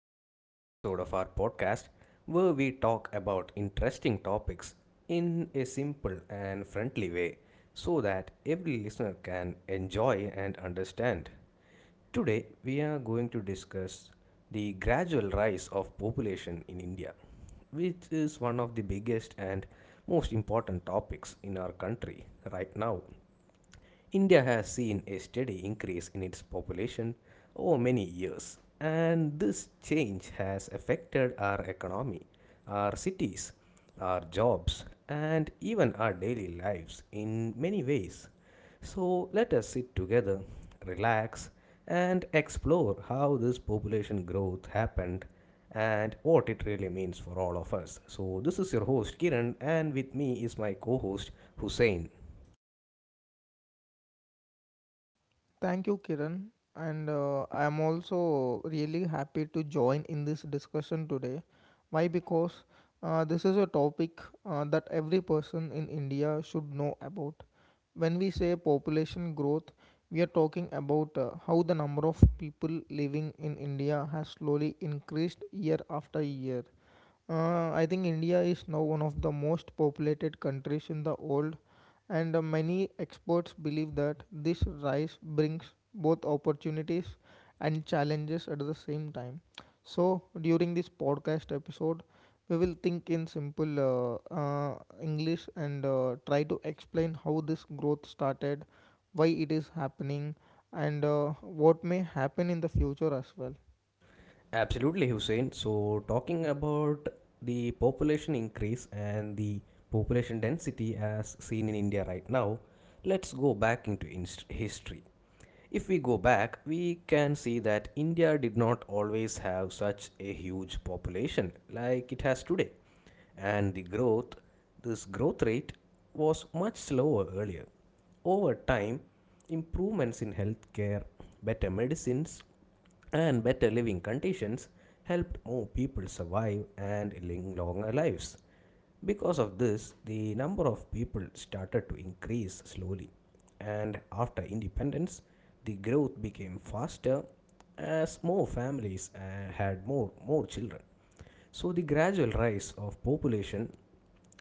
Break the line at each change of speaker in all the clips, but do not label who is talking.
to another episode of our podcast where we talk about interesting topics in a simple and friendly way so that every listener can enjoy and understand. Today, we are going to discuss the gradual rise of population in India, which is one of the biggest and most important topics in our country right now. India has seen a steady increase in its population over many years, and this change has affected our economy, our cities, our jobs, and even our daily lives in many ways. So let us sit together, relax, and explore how this population growth happened and what it really means for all of us. So, this is your host Kiran, and with me is my co host Hussein.
Thank you, Kiran. And I'm also really happy to join in this discussion today. Why? Because this is a topic that every person in India should know about. When we say population growth, we are talking about how the number of people living in India has slowly increased year after year. I think India is now one of the most populated countries in the world, and many experts believe that this rise brings both opportunities and challenges at the same time. So, during this podcast episode, we will think in simple English and try to explain how this growth started, why it is happening, and what may happen in the future as well.
Absolutely, Hussein. So, talking about the population increase and the population density as seen in India right now, let's go back into history. If we go back, we can see that India did not always have such a huge population like it has today. And this growth rate was much slower earlier. Over time, improvements in healthcare, better medicines, and better living conditions helped more people survive and live longer lives. Because of this, the number of people started to increase slowly, and after independence, the growth became faster as more families had more children. So, the gradual rise of population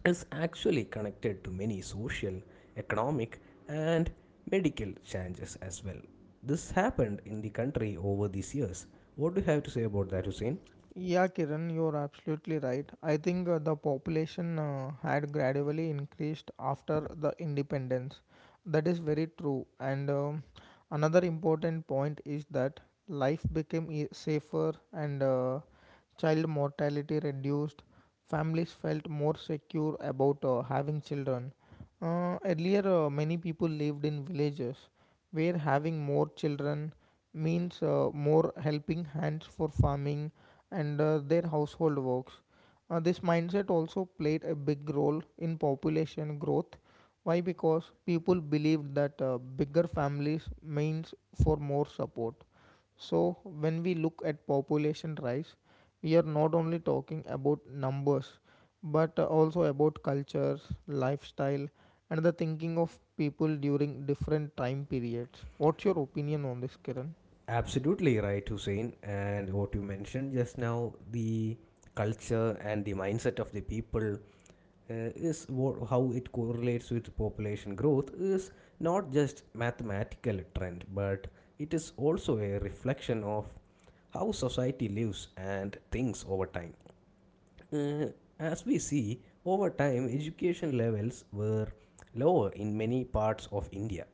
is actually connected to many social, economic, and medical changes as well. This happened in the country over these years. What do you have to say about that, Hussein?
Yeah, Kiran, you're absolutely right. I think the population had gradually increased after the independence. That is very true. And another important point is that life became safer and child mortality reduced. Families felt more secure about having children. Earlier, many people lived in villages where having more children means more helping hands for farming and their household works. This mindset also played a big role in population growth. Why? Because people believed that bigger families means for more support. So, when we look at population rise, we are not only talking about numbers but also about cultures, lifestyle and the thinking of people during different time periods. What's your opinion on this, Kiran?
Absolutely right, Hussein. And what you mentioned just now, the culture and the mindset of the people is what, how it correlates with population growth is not just mathematical trend, but it is also a reflection of how society lives and thinks over time. Uh, as we see, over time, education levels were lower in many parts of India,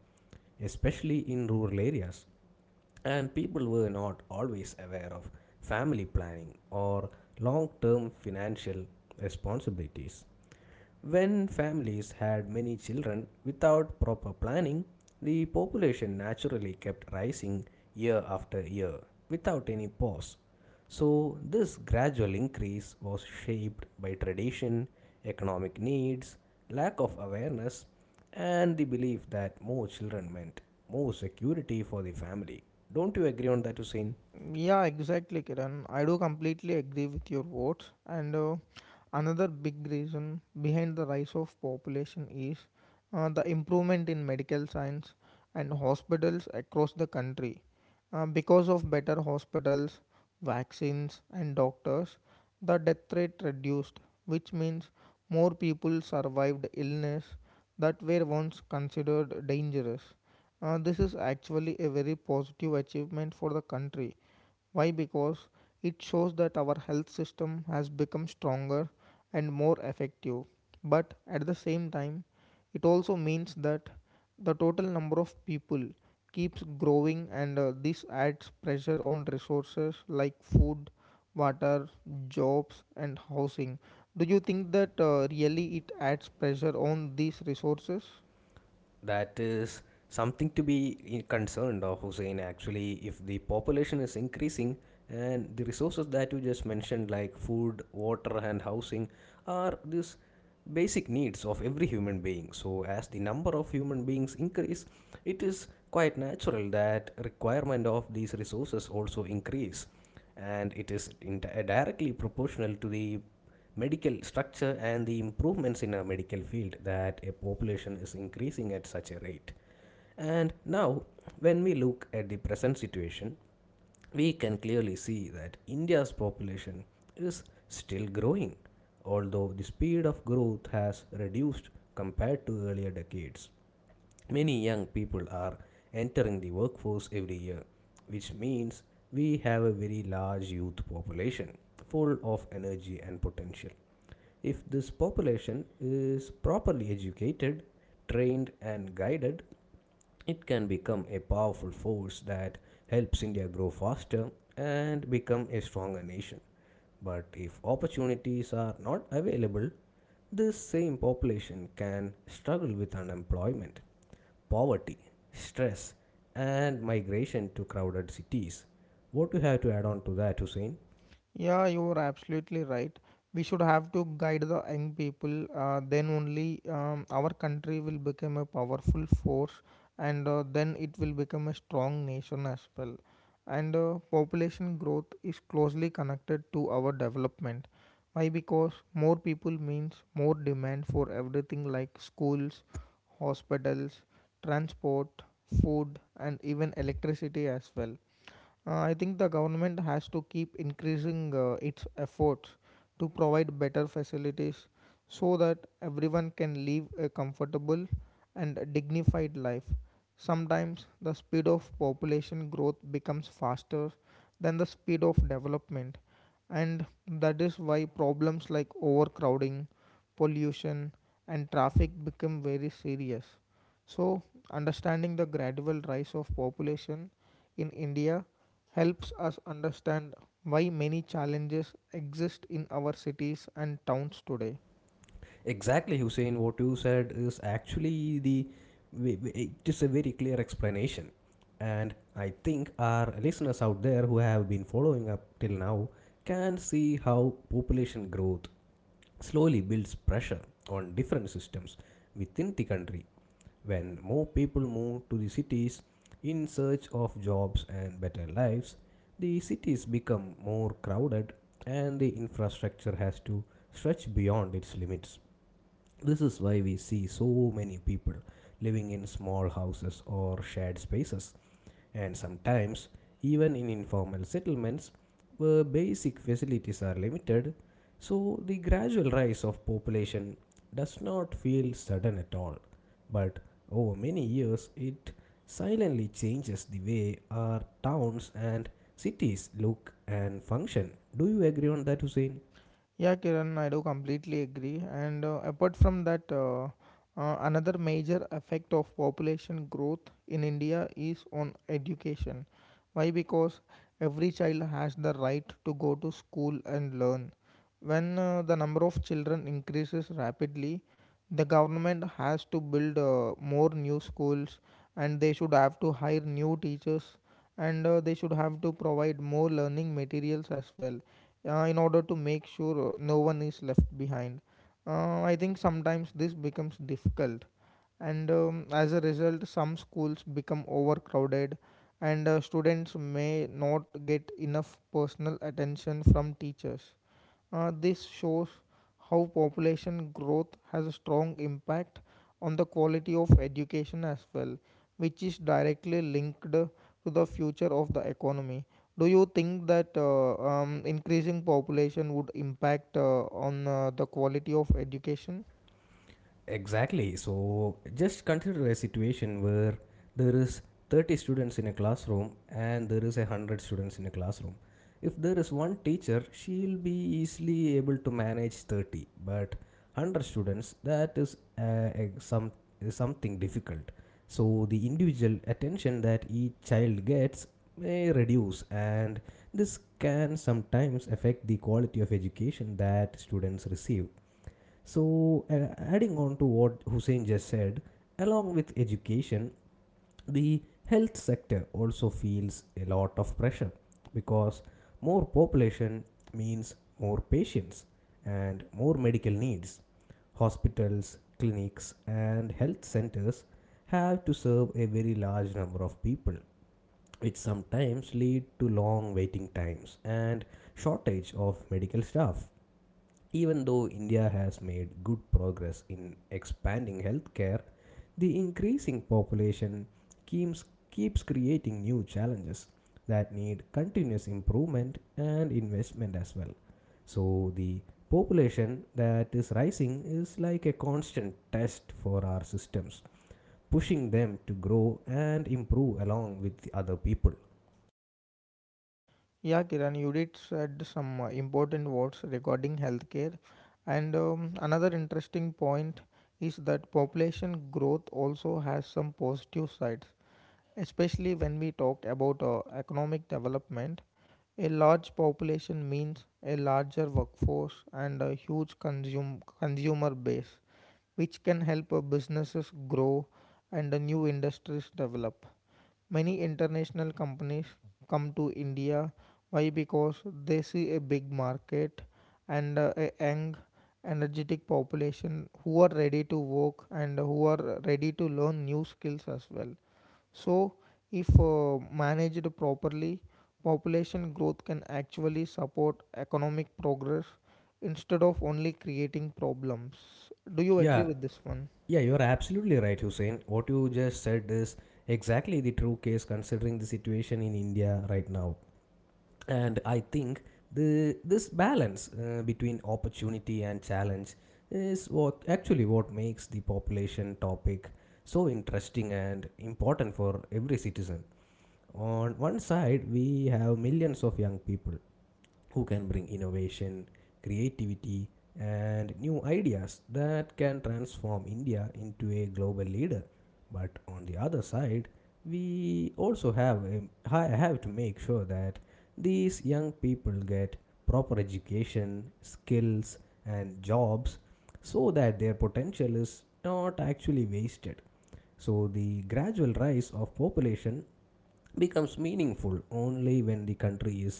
especially in rural areas, and people were not always aware of family planning or long term financial responsibilities. When families had many children without proper planning, the population naturally kept rising year after year without any pause. So, this gradual increase was shaped by tradition, economic needs, lack of awareness, and the belief that more children meant more security for the family. Don't you agree on that, Hussein?
Yeah, exactly, Kiran. I do completely agree with your words, and another big reason behind the rise of population is the improvement in medical science and hospitals across the country. Because of better hospitals, vaccines, and doctors, the death rate reduced, which means more people survived illness that were once considered dangerous. This is actually a very positive achievement for the country. Why? Because it shows that our health system has become stronger and more effective. But at the same time, it also means that the total number of people keeps growing, and this adds pressure on resources like food, water, jobs, and housing. Do you think that really it adds pressure on these resources?
That is something to be concerned of, Hussein. Actually, if the population is increasing and the resources that you just mentioned, like food, water, and housing, are these basic needs of every human being, so as the number of human beings increase, it is quite natural that requirement of these resources also increase, and it is in directly proportional to the medical structure and the improvements in a medical field that a population is increasing at such a rate. And now when we look at the present situation, we can clearly see that India's population is still growing, although the speed of growth has reduced compared to earlier decades. Many young people are entering the workforce every year, which means we have a very large youth population full of energy and potential. If this population is properly educated, trained, and guided, it can become a powerful force that helps India grow faster and become a stronger nation. But if opportunities are not available, this same population can struggle with unemployment, poverty, stress, and migration to crowded cities. What do you have to add on to that, Hussein?
Yeah, you're absolutely right. We should have to guide the young people. Then only our country will become a powerful force, and then it will become a strong nation as well. And population growth is closely connected to our development. Why? Because more people means more demand for everything like schools, hospitals, transport, food, and even electricity as well. I think the government has to keep increasing its efforts to provide better facilities so that everyone can live a comfortable and dignified life. Sometimes the speed of population growth becomes faster than the speed of development, and that is why problems like overcrowding, pollution, and traffic become very serious. So, understanding the gradual rise of population in India helps us understand why many challenges exist in our cities and towns today.
Exactly, Hussein. What you said is actually the it is a very clear explanation, and I think our listeners out there who have been following up till now can see how population growth slowly builds pressure on different systems within the country. When more people move to the cities in search of jobs and better lives, the cities become more crowded and the infrastructure has to stretch beyond its limits. This is why we see so many people living in small houses or shared spaces, and sometimes, even in informal settlements where basic facilities are limited. So, the gradual rise of population does not feel sudden at all, but over many years, it silently changes the way our towns and cities look and function. Do you agree on that, Hussein?
Yeah, Kiran, I do completely agree. And apart from that, another major effect of population growth in India is on education. Why? Because every child has the right to go to school and learn. When the number of children increases rapidly, the government has to build more new schools and they should have to hire new teachers and they should have to provide more learning materials as well in order to make sure no one is left behind. I think sometimes this becomes difficult, and as a result, some schools become overcrowded, and students may not get enough personal attention from teachers. This shows how population growth has a strong impact on the quality of education as well, which is directly linked to the future of the economy. Do you think that increasing population would impact on the quality of education?
Exactly. So just consider a situation where there is 30 students in a classroom and there is a 100 students in a classroom. If there is one teacher, she'll be easily able to manage 30, but 100 students, that is a- some is something difficult. So the individual attention that each child gets may reduce and this can sometimes affect the quality of education that students receive. So, adding on to what Hussein just said, along with education, the health sector also feels a lot of pressure because more population means more patients and more medical needs. Hospitals, clinics, and health centers have to serve a very large number of people, which sometimes lead to long waiting times and shortage of medical staff. Even though India has made good progress in expanding healthcare, the increasing population keeps, keeps creating new challenges that need continuous improvement and investment as well. So, the population that is rising is like a constant test for our systems, pushing them to grow and improve along with the other people.
Yeah, Kiran, you did said some important words regarding healthcare, and another interesting point is that population growth also has some positive sides. Especially when we talk about economic development, a large population means a larger workforce and a huge consumer base, which can help businesses grow and new industries develop. Many international companies come to India. Why? Because they see a big market and a young, energetic population who are ready to work and who are ready to learn new skills as well. So, if managed properly, population growth can actually support economic progress instead of only creating problems. Do you agree
Yeah,
with this one?
Yeah, you're absolutely right, Hussein. What you just said is exactly the true case considering the situation in India right now. And I think the this balance between opportunity and challenge is what actually what makes the population topic so interesting and important for every citizen. On one side, we have millions of young people who can bring innovation, creativity, and new ideas that can transform India into a global leader. But on the other side, we also I have to make sure that these young people get proper education, skills, and jobs so that their potential is not actually wasted. So the gradual rise of population becomes meaningful only when the country is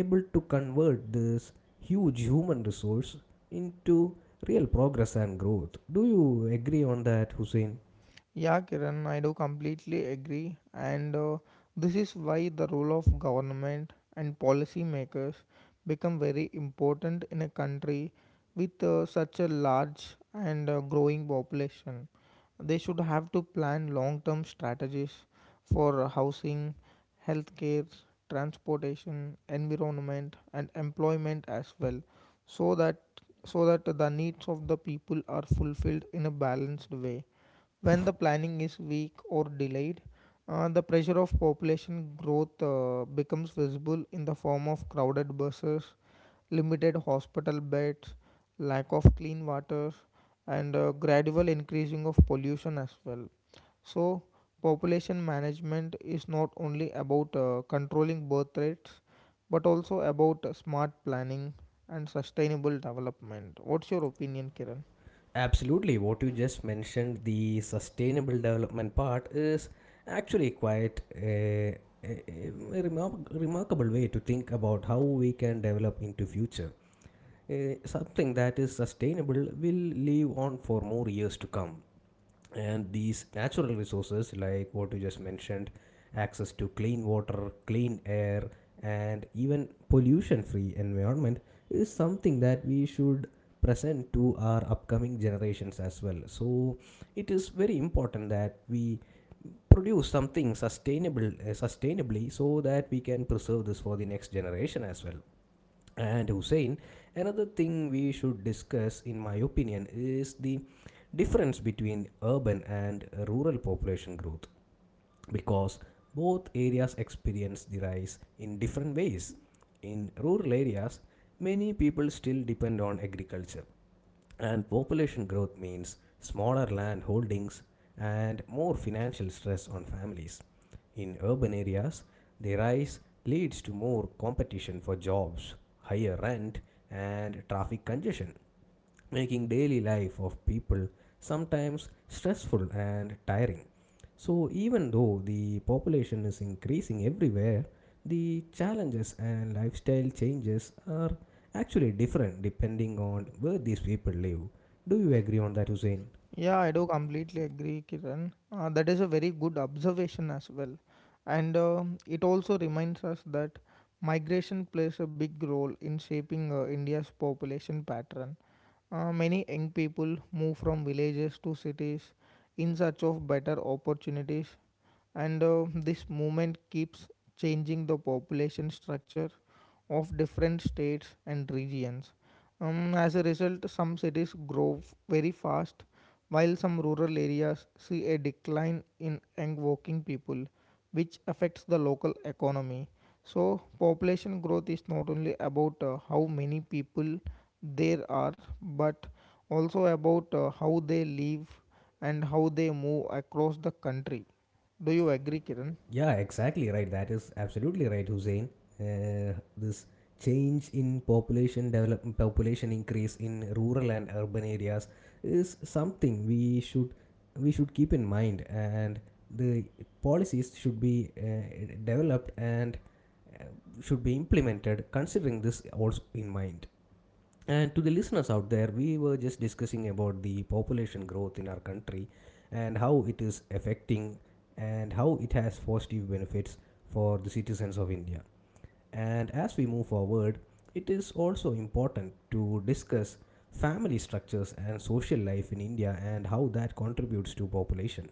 able to convert this huge human resource into real progress and growth. Do you agree on that, Hussein?
Yeah, Kiran, I do completely agree. And this is why the role of government and policymakers become very important in a country with such a large and growing population. They should have to plan long term strategies for housing, healthcare, transportation, environment, and employment as well, so that so that the needs of the people are fulfilled in a balanced way. When the planning is weak or delayed, the pressure of population growth becomes visible in the form of crowded buses, limited hospital beds, lack of clean water, and gradual increasing of pollution as well. So, population management is not only about controlling birth rates but also about smart planning and sustainable development. What's your opinion, Kiran?
Absolutely. What you just mentioned, the sustainable development part, is actually quite a remarkable way to think about how we can develop into future. Something that is sustainable will live on for more years to come, and these natural resources like what you just mentioned, access to clean water, clean air, and even pollution free environment, is something that we should present to our upcoming generations as well. So it is very important that we produce something sustainable sustainably so that we can preserve this for the next generation as well. And Hussein, another thing we should discuss in my opinion is the difference between urban and rural population growth, because both areas experience the rise in different ways. In rural areas, many people still depend on agriculture, and population growth means smaller land holdings and more financial stress on families. In urban areas, the rise leads to more competition for jobs, higher rent, and traffic congestion, making daily life of people sometimes stressful and tiring. So, even though the population is increasing everywhere, the challenges and lifestyle changes are actually different depending on where these people live. Do you agree on that, Hussein?
Yeah, I do completely agree, Kiran. That is a very good observation as well. And it also reminds us that migration plays a big role in shaping India's population pattern. Many young people move from villages to cities in search of better opportunities, and this movement keeps changing the population structure of different states and regions. As a result, some cities grow very fast, while some rural areas see a decline in young working people, which affects the local economy. So, population growth is not only about how many people there are, but also about how they live and how they move across the country. Do you agree, Kiran?
Yeah, exactly right. That is absolutely right, Hussein. This change in population develop population increase in rural and urban areas is something we should keep in mind, and the policies should be developed and uh, should be implemented considering this also in mind. And to the listeners out there, we were just discussing about the population growth in our country and how it is affecting and how it has positive benefits for the citizens of India. And as we move forward, it is also important to discuss family structures and social life in India and how that contributes to population.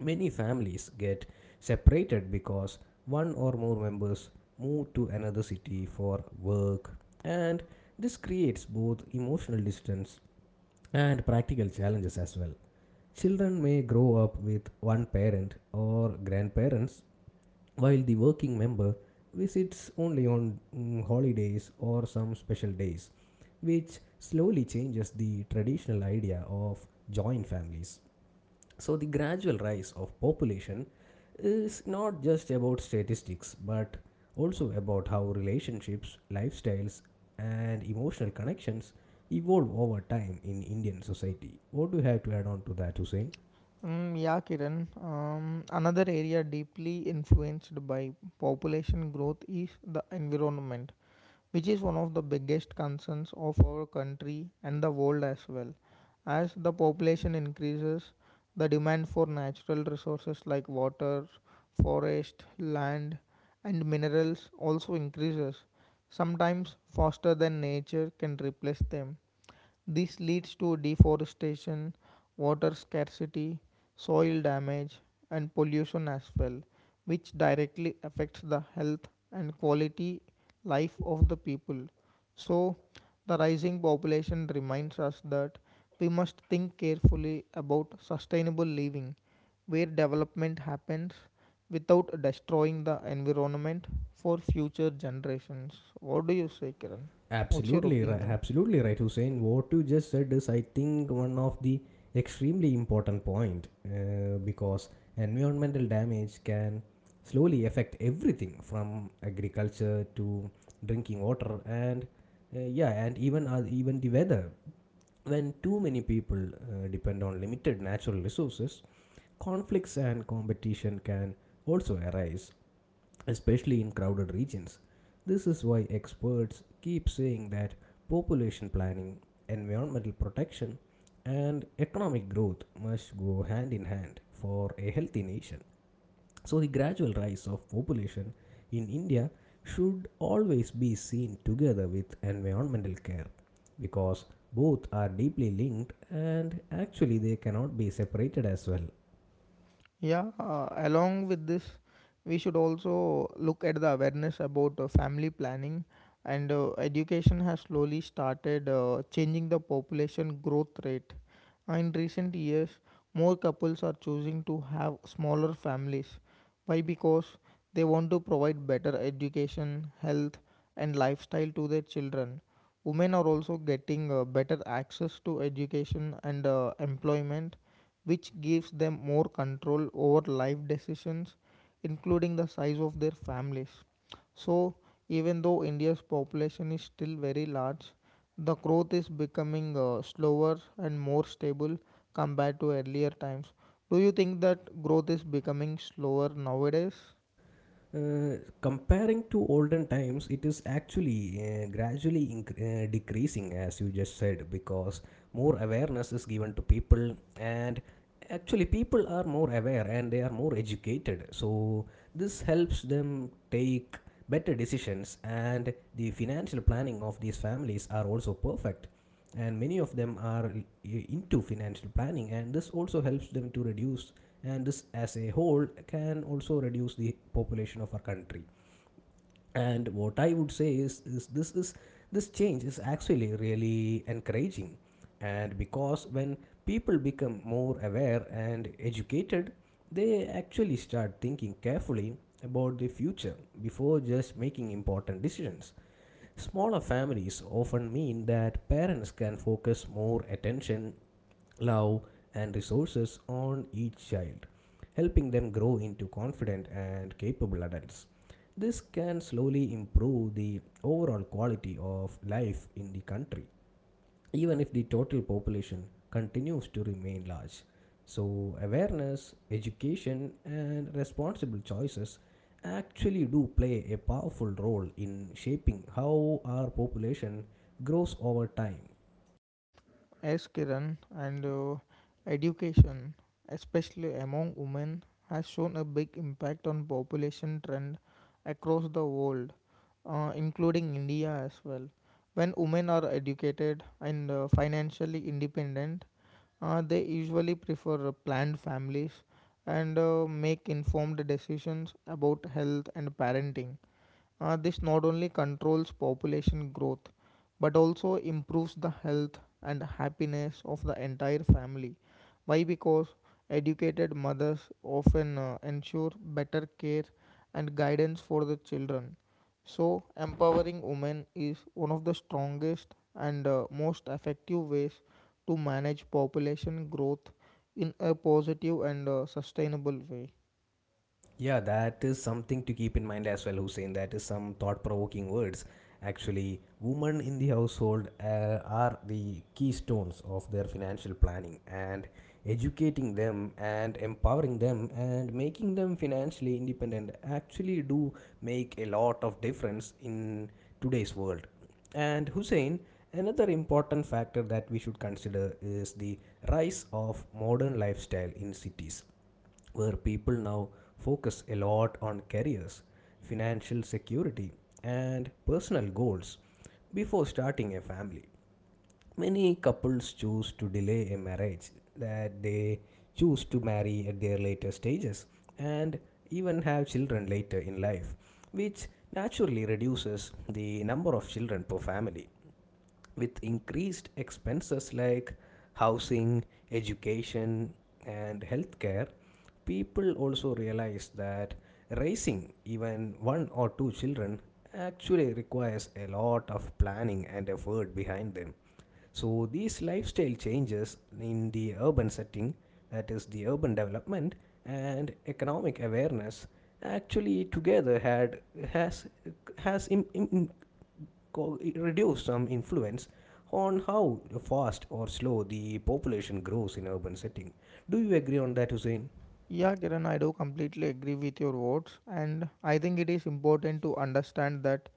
Many families get separated because one or more members move to another city for work, and this creates both emotional distance and practical challenges as well. Children may grow up with one parent or grandparents, while the working member visits only on holidays or some special days, which slowly changes the traditional idea of joint families. So, the gradual rise of population is not just about statistics but also about how relationships, lifestyles, and emotional connections evolve over time in Indian society. What do you have to add on to that, Hussein?
Mm, yeah, Kiran. Another area deeply influenced by population growth is the environment, which is one of the biggest concerns of our country and the world as well. As the population increases, the demand for natural resources like water, forest, land, and minerals also increases, sometimes faster than nature can replace them. This leads to deforestation, water scarcity, soil damage, and pollution as well, which directly affects the health and quality life of the people. So, the rising population reminds us that we must think carefully about sustainable living, where development happens without destroying the environment for future generations. What do you say, Kiran? What's your
Absolutely right.
opinion?
Absolutely right, Hussein. What you just said is, I think, one of the extremely important point because environmental damage can slowly affect everything from agriculture to drinking water and yeah, and even even the weather. When too many people depend on limited natural resources, conflicts and competition can also arise, especially in crowded regions. This is why experts keep saying that population planning, environmental protection, and economic growth must go hand in hand for a healthy nation. So, the gradual rise of population in India should always be seen together with environmental care because both are deeply linked and actually they cannot be separated as well.
Yeah, along with this, we should also look at the awareness about family planning. And education has slowly started changing the population growth rate. In recent years, more couples are choosing to have smaller families. Why? Because they want to provide better education, health, and lifestyle to their children. Women are also getting better access to education and employment, which gives them more control over life decisions, including the size of their families. So, even though India's population is still very large, the growth is becoming slower and more stable compared to earlier times. Do you think that growth is becoming slower nowadays?
Comparing to olden times, it is actually gradually decreasing, as you just said, because more awareness is given to people and actually people are more aware and they are more educated, so this helps them take better decisions, and the financial planning of these families are also perfect and many of them are into financial planning, and this also helps them to reduce, and this as a whole can also reduce the population of our country. And what I would say is, this change is actually really encouraging, and because when people become more aware and educated, they actually start thinking carefully about the future before just making important decisions. Smaller families often mean that parents can focus more attention, love, and resources on each child, helping them grow into confident and capable adults. This can slowly improve the overall quality of life in the country even if the total population continues to remain large. So, awareness, education, and responsible choices actually do play a powerful role in shaping how our population grows over time.
As Kiran, and education, especially among women, has shown a big impact on population trend across the world, including India as well. When women are educated and financially independent, they usually prefer planned families and make informed decisions about health and parenting. This not only controls population growth but also improves the health and happiness of the entire family. Why? Because educated mothers often ensure better care and guidance for the children. So, empowering women is one of the strongest and most effective ways to manage population growth in a positive and sustainable way.
Yeah, that is something to keep in mind as well, Hussein. That is some thought provoking words. Actually, women in the household are the keystones of their financial planning, and educating them and empowering them and making them financially independent actually do make a lot of difference in today's world. And Hussein, another important factor that we should consider is the rise of modern lifestyle in cities where people now focus a lot on careers, financial security, and personal goals before starting a family. Many couples choose to delay a marriage, that they choose to marry at their later stages and even have children later in life, which naturally reduces the number of children per family. With increased expenses like housing, education, and healthcare, people also realize that raising even one or two children actually requires a lot of planning and effort behind them. So, these lifestyle changes in the urban setting, that is, the urban development and economic awareness, actually together had has has Im- im- co- reduce some influence on how fast or slow the population grows in urban setting. Do you agree on that, Hussein?
Yeah, Kiran, I do completely agree with your words, and I think it is important to understand that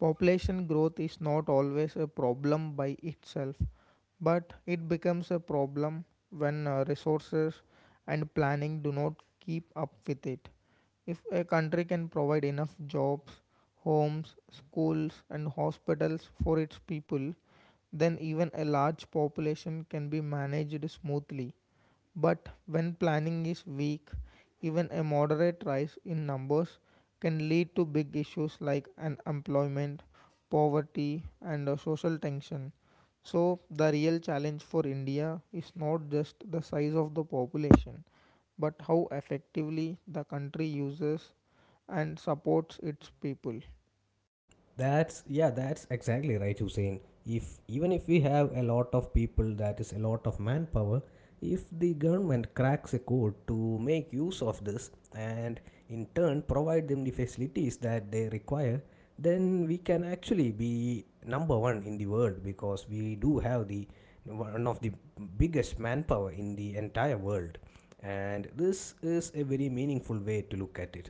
population growth is not always a problem by itself, but it becomes a problem when resources and planning do not keep up with it. If a country can provide enough jobs, homes, schools, and hospitals for its people, then even a large population can be managed smoothly. But when planning is weak, even a moderate rise in numbers can lead to big issues like unemployment, poverty, and social tension. So, the real challenge for India is not just the size of the population, but how effectively the country uses and supports its people.
That's yeah, that's exactly right, Hussein. If even if we have a lot of people, that is a lot of manpower. If the government cracks a code to make use of this and in turn provide them the facilities that they require, then we can actually be number one in the world, because we do have the one of the biggest manpower in the entire world, and this is a very meaningful way to look at it,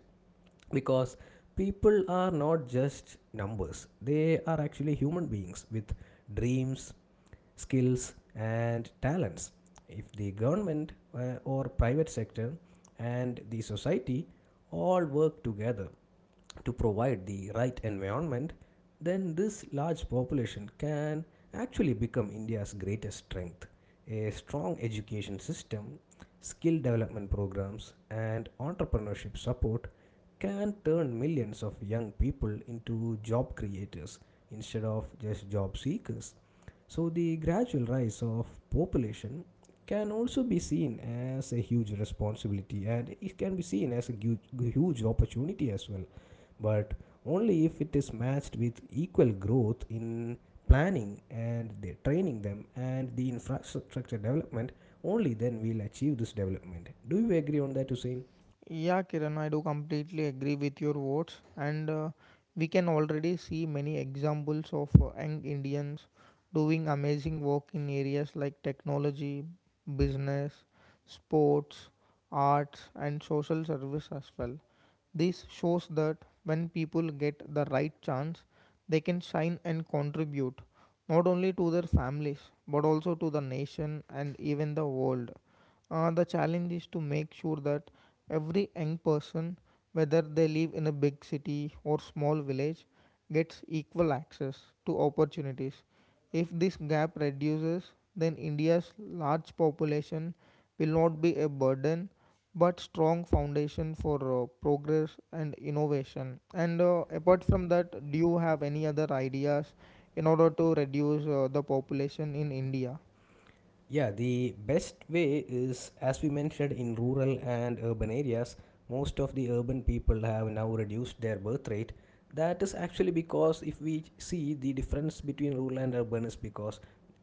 because people are not just numbers, they are actually human beings with dreams, skills, and talents. If the government or private sector and the society all work together to provide the right environment, then this large population can actually become India's greatest strength. A strong education system, skill development programs, and entrepreneurship support can turn millions of young people into job creators instead of just job seekers. So, the gradual rise of population can also be seen as a huge responsibility, and it can be seen as a huge, huge opportunity as well, but only if it is matched with equal growth in planning and the training them and the infrastructure development. Only then we'll achieve this development. Do you agree on that, Hussein?
Yeah, Kiran, I do completely agree with your words, and we can already see many examples of young Indians doing amazing work in areas like technology, business, sports, arts, and social service as well. This shows that when people get the right chance, they can shine and contribute not only to their families but also to the nation and even the world. The challenge is to make sure that every young person, whether they live in a big city or small village, gets equal access to opportunities. If this gap reduces, then India's large population will not be a burden but strong foundation for progress and innovation. And apart from that, do you have any other ideas in order to reduce the population in India?
Yeah, the best way is, as we mentioned, in rural and urban areas, most of the urban people have now reduced their birth rate. That is actually because if we see the difference between rural and urban, is because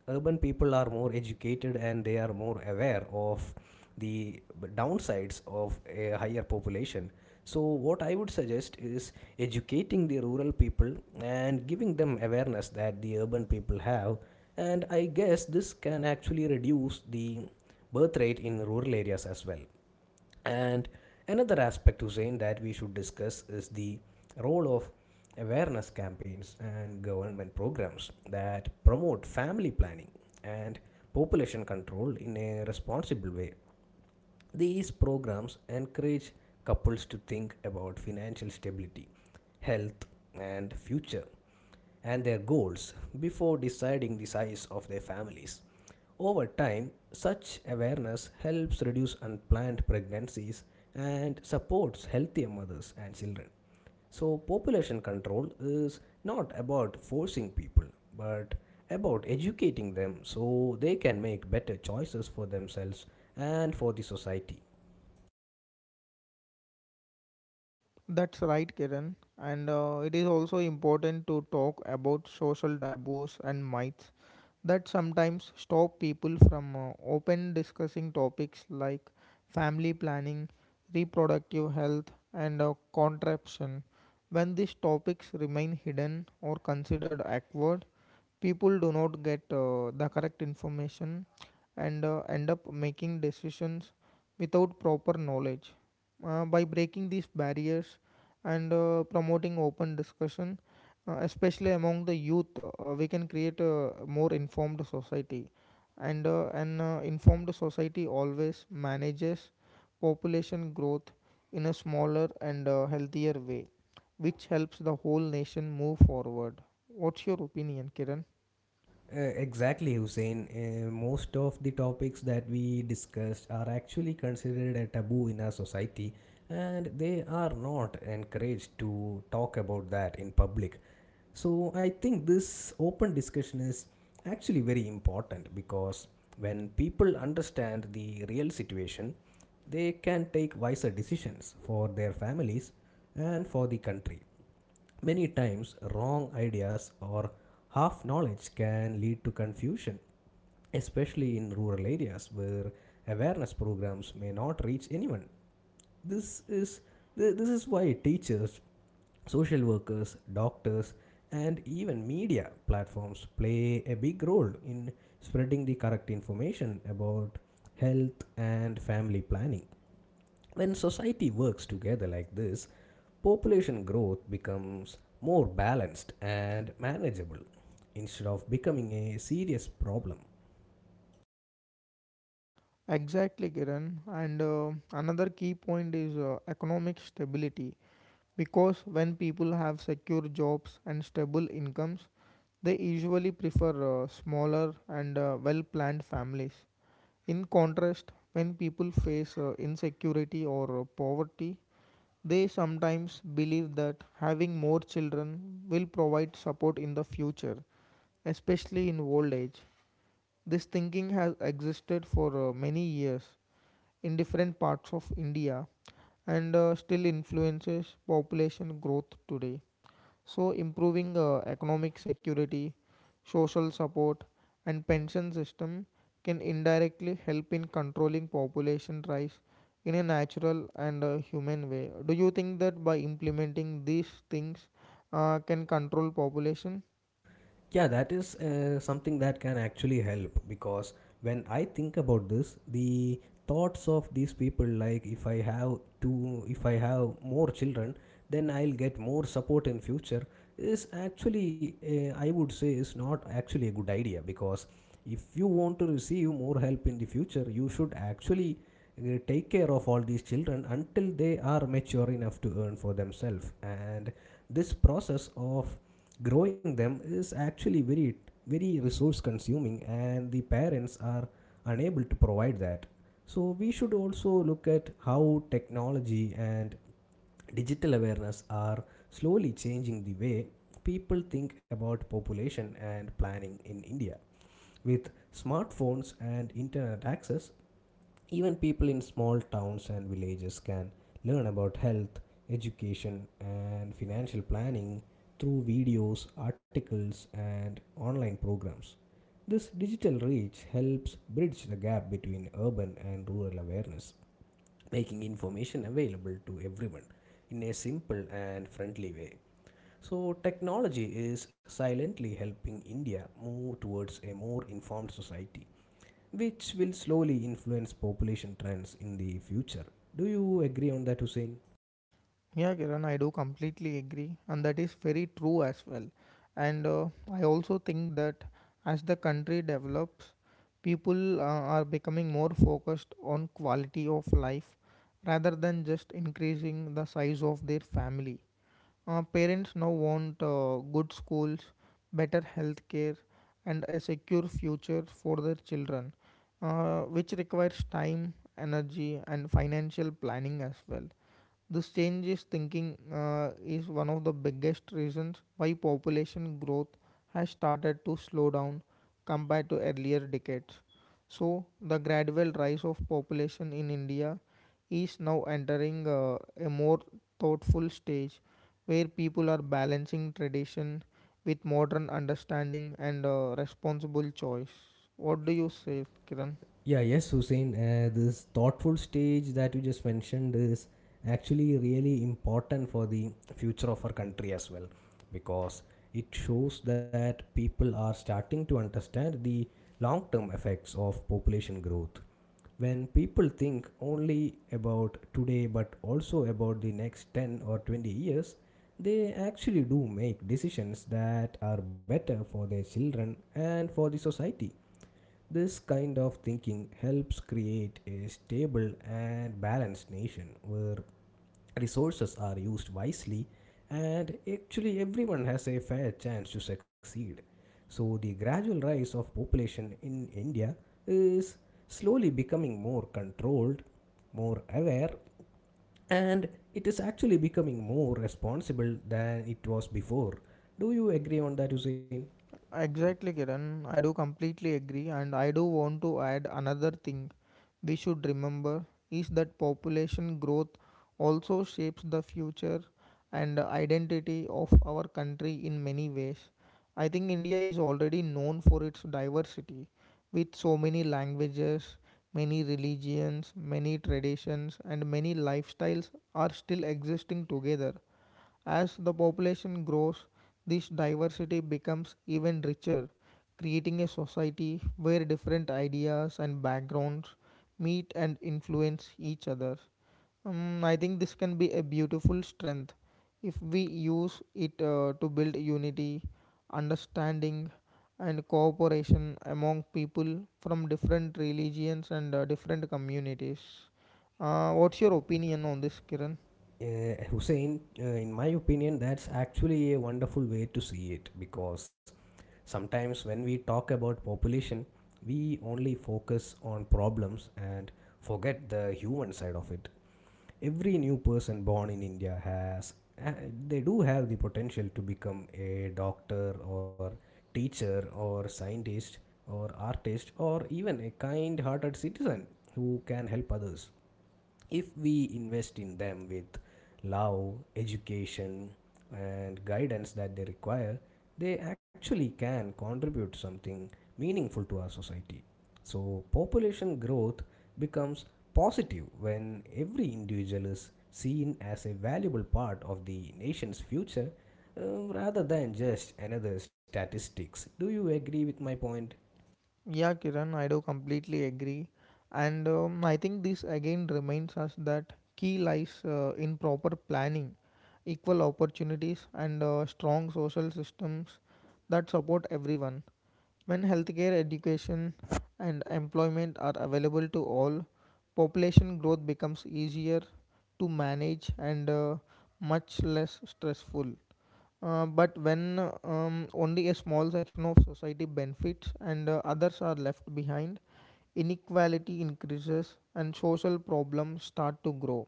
urban people are more educated and they are more aware of the downsides of a higher population. So, what I would suggest is educating the rural people and giving them awareness that the urban people have, and I guess this can actually reduce the birth rate in rural areas as well. And another aspect, Hussein, that we should discuss is the role of awareness campaigns and government programs that promote family planning and population control in a responsible way. These programs encourage couples to think about financial stability, health, and future, and their goals before deciding the size of their families. Over time, such awareness helps reduce unplanned pregnancies and supports healthier mothers and children. So, population control is not about forcing people, but about educating them so they can make better choices for themselves and for the society.
That's right, Kiran. And it is also important to talk about social taboos and myths that sometimes stop people from open discussing topics like family planning, reproductive health, and contraception. When these topics remain hidden or considered awkward, people do not get the correct information and end up making decisions without proper knowledge. By breaking these barriers and promoting open discussion, especially among the youth, we can create a more informed society. And an informed society always manages population growth in a smaller and healthier way, which helps the whole nation move forward. What's your opinion, Kiran?
Exactly, Hussein. Most of the topics that we discussed are actually considered a taboo in our society, and they are not encouraged to talk about that in public. So, I think this open discussion is actually very important because when people understand the real situation, they can take wiser decisions for their families and for the country. Many times, wrong ideas or half knowledge can lead to confusion, especially in rural areas where awareness programs may not reach anyone. This is this is why teachers, social workers, doctors, and even media platforms play a big role in spreading the correct information about health and family planning. When society works together like this, population growth becomes more balanced and manageable instead of becoming a serious problem.
Exactly, Kiran. And another key point is economic stability. Because when people have secure jobs and stable incomes, they usually prefer smaller and well planned families. In contrast, when people face insecurity or poverty, they sometimes believe that having more children will provide support in the future, especially in old age. This thinking has existed for many years in different parts of India and still influences population growth today. So, improving economic security, social support, and pension system can indirectly help in controlling population rise in a natural and human way. Do you think that by implementing these things can control population?
Yeah, that is something that can actually help, because when I think about this, the thoughts of these people, like if I have two, if I have more children, then I'll get more support in future, is actually I would say is not actually a good idea, because if you want to receive more help in the future, you should actually take care of all these children until they are mature enough to earn for themselves. And this process of growing them is actually very, very resource consuming and the parents are unable to provide that. So we should also look at how technology and digital awareness are slowly changing the way people think about population and planning in India. With smartphones and internet access, even people in small towns and villages can learn about health, education, and financial planning through videos, articles, and online programs. This digital reach helps bridge the gap between urban and rural awareness, making information available to everyone in a simple and friendly way. So, technology is silently helping India move towards a more informed society, which will slowly influence population trends in the future. Do you agree on that, Hussein?
Yeah, Kiran, I do completely agree, and that is very true as well. And I also think that as the country develops, people are becoming more focused on quality of life rather than just increasing the size of their family. Parents now want good schools, better health care, and a secure future for their children, which requires time, energy, and financial planning as well. This change is thinking is one of the biggest reasons why population growth has started to slow down compared to earlier decades. So the gradual rise of population in India is now entering a more thoughtful stage where people are balancing tradition with modern understanding and responsible choice. What do you say, Kiran?
Yeah, yes, Hussein. This thoughtful stage that you just mentioned is actually really important for the future of our country as well, because it shows that people are starting to understand the long term effects of population growth. When people think only about today but also about the next 10 or 20 years, they actually do make decisions that are better for their children and for the society. This kind of thinking helps create a stable and balanced nation where resources are used wisely and actually everyone has a fair chance to succeed. So, the gradual rise of population in India is slowly becoming more controlled, more aware, and it is actually becoming more responsible than it was before. Do you agree on that, Hussein?
Exactly, Kiran. I do completely agree, and I do want to add another thing we should remember is that population growth also shapes the future and identity of our country in many ways. I think India is already known for its diversity with so many languages, many religions, many traditions, and many lifestyles are still existing together. As the population grows, this diversity becomes even richer, creating a society where different ideas and backgrounds meet and influence each other. I think this can be a beautiful strength if we use it to build unity, understanding, and cooperation among people from different religions and different communities. What's your opinion on this, Kiran?
Hussein, in my opinion, that's actually a wonderful way to see it, because sometimes when we talk about population, we only focus on problems and forget the human side of it. Every new person born in India has uh, they do have the potential to become a doctor or teacher or scientist or artist or even a kind-hearted citizen who can help others. If we invest in them with love, education, and guidance that they require, they actually can contribute something meaningful to our society. So, population growth becomes positive when every individual is seen as a valuable part of the nation's future, rather than just another statistics. Do you agree with my point?
Yeah, Kiran, I do completely agree. And I think this again reminds us that key lies in proper planning, equal opportunities, and strong social systems that support everyone. When healthcare, education, and employment are available to all, population growth becomes easier to manage and much less stressful. But when only a small section of society benefits and others are left behind, inequality increases and social problems start to grow.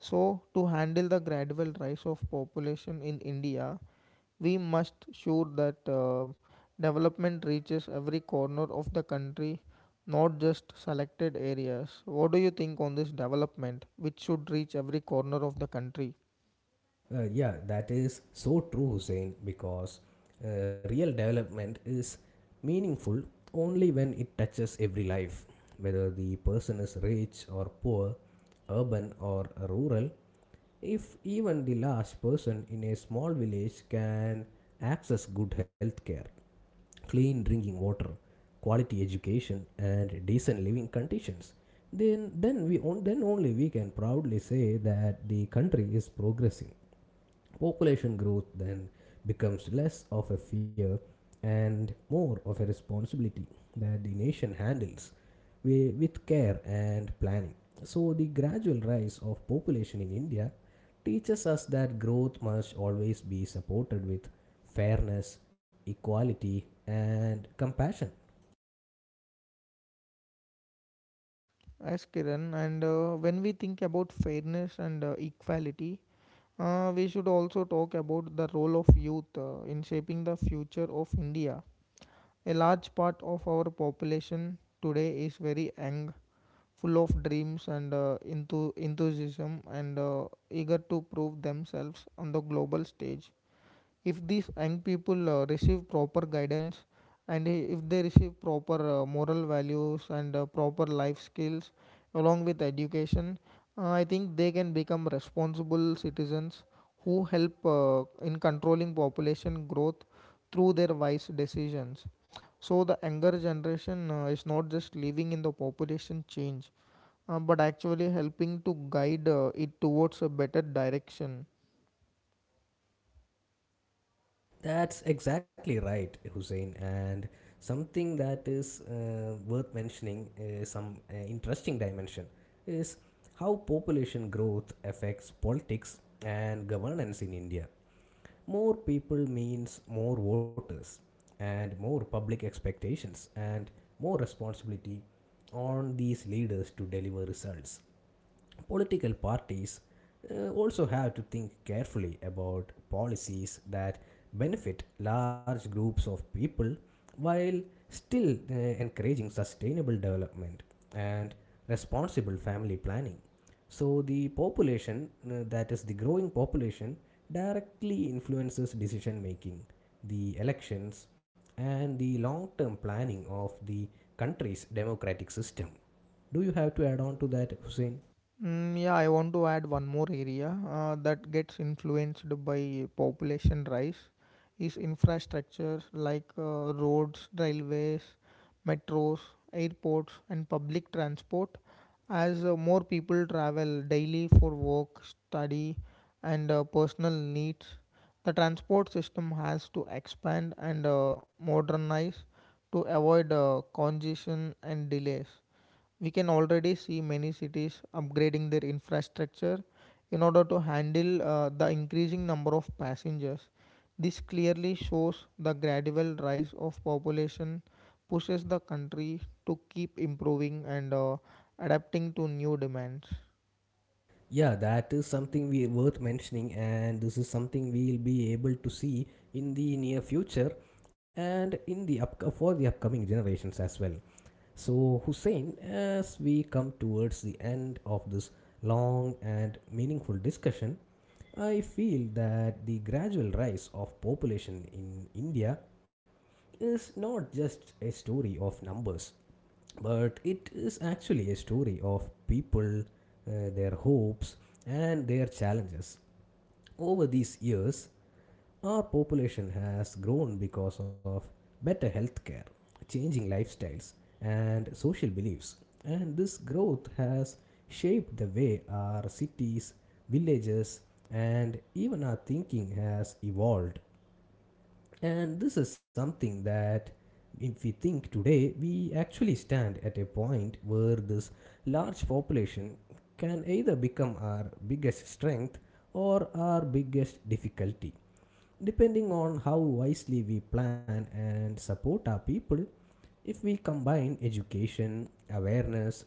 So, to handle the gradual rise of population in India, we must ensure that development reaches every corner of the country, not just selected areas. What do you think on this development, which should reach every corner of the country?
Yeah, that is so true, Hussein, because real development is meaningful only when it touches every life, whether the person is rich or poor, urban or rural. If even the last person in a small village can access good health care, clean drinking water, quality education, and decent living conditions, then only we can proudly say that the country is progressing. Population growth then becomes less of a fear and more of a responsibility that the nation handles with care and planning. So, the gradual rise of population in India teaches us that growth must always be supported with fairness, equality, and compassion.
Yes, Kiran. And when we think about fairness and equality, we should also talk about the role of youth in shaping the future of India. A large part of our population today is very young, full of dreams and enthusiasm, and eager to prove themselves on the global stage if these young people receive proper guidance and if they receive proper moral values and proper life skills along with education, I think they can become responsible citizens who help in controlling population growth through their wise decisions. So the younger generation is not just living in the population change, but actually helping to guide it towards a better direction.
That's exactly right, Hussein. And something that is worth mentioning is some interesting dimension is how population growth affects politics and governance in India. More people means more voters and more public expectations and more responsibility on these leaders to deliver results. Political parties also have to think carefully about policies that benefit large groups of people while still encouraging sustainable development and responsible family planning. So, the population, that is, the growing population, directly influences decision making, the elections, and the long term planning of the country's democratic system. Do you have to add on to that, Hussein?
Mm, yeah, I want to add one more area that gets influenced by population rise is infrastructure like roads, railways, metros, airports, and public transport. As more people travel daily for work, study, and personal needs, the transport system has to expand and modernize to avoid congestion and delays. We can already see many cities upgrading their infrastructure in order to handle the increasing number of passengers. This clearly shows the gradual rise of population pushes the country to keep improving and adapting to new demands.
Yeah, that is something we worth mentioning, and this is something we'll be able to see in the near future and in the up for the upcoming generations as well. So, Hussein, as we come towards the end of this long and meaningful discussion, I feel that the gradual rise of population in India is not just a story of numbers, but it is actually a story of people, their hopes, and their challenges. Over these years, our population has grown because of better healthcare, changing lifestyles, and social beliefs. And this growth has shaped the way our cities, villages, and even our thinking has evolved. And this is something that, if we think today, we actually stand at a point where this large population can either become our biggest strength or our biggest difficulty, depending on how wisely we plan and support our people. If we combine education, awareness,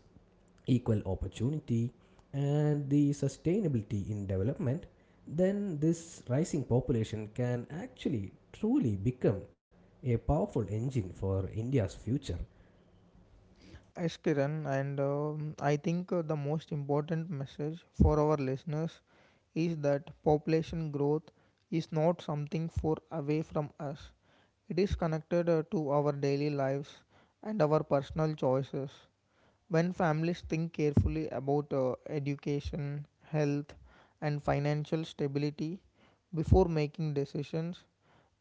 equal opportunity, and the sustainability in development, then this rising population can actually truly become a powerful engine for India's future.
Yes, Kiran, and I think the most important message for our listeners is that population growth is not something for away from us. It is connected to our daily lives and our personal choices. When families think carefully about education, health, and financial stability before making decisions,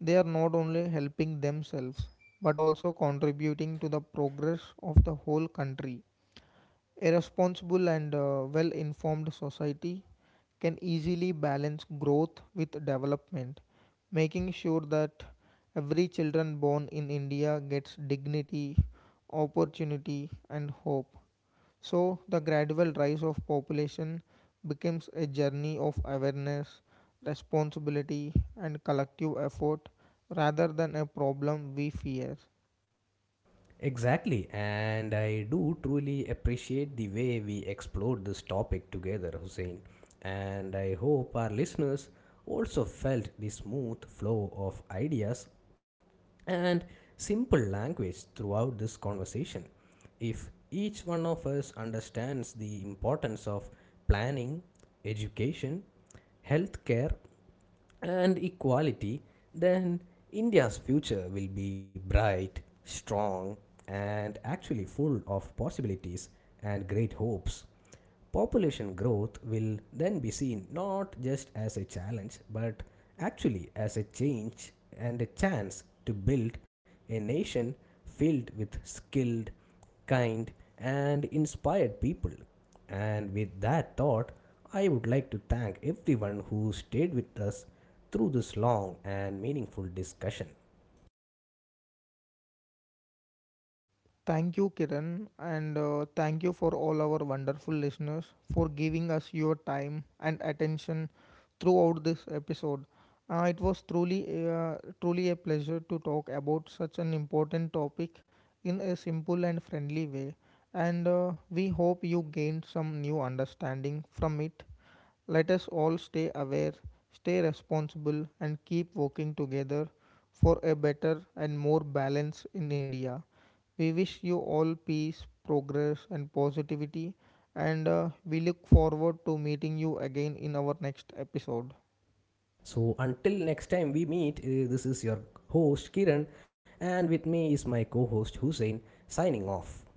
they are not only helping themselves but also contributing to the progress of the whole country. A responsible and well informed society can easily balance growth with development, making sure that every child born in India gets dignity, opportunity, and hope. So, the gradual rise of population becomes a journey of awareness, responsibility, and collective effort rather than a problem we fear.
Exactly, and I do truly appreciate the way we explored this topic together, Hussein. And I hope our listeners also felt the smooth flow of ideas and simple language throughout this conversation. If each one of us understands the importance of planning, education, healthcare, and equality, then India's future will be bright, strong, and actually full of possibilities and great hopes. Population growth will then be seen not just as a challenge but actually as a change and a chance to build a nation filled with skilled, kind, and inspired people. And with that thought, I would like to thank everyone who stayed with us through this long and meaningful discussion.
Thank you, Kiran, and thank you for all our wonderful listeners for giving us your time and attention throughout this episode. It was truly a pleasure to talk about such an important topic in a simple and friendly way, and we hope you gained some new understanding from it. Let us all stay aware, stay responsible, and keep working together for a better and more balance in India. We wish you all peace, progress, and positivity, and we look forward to meeting you again in our next episode.
So until next time we meet, this is your host Kiran, and with me is my co host Hussein, signing off.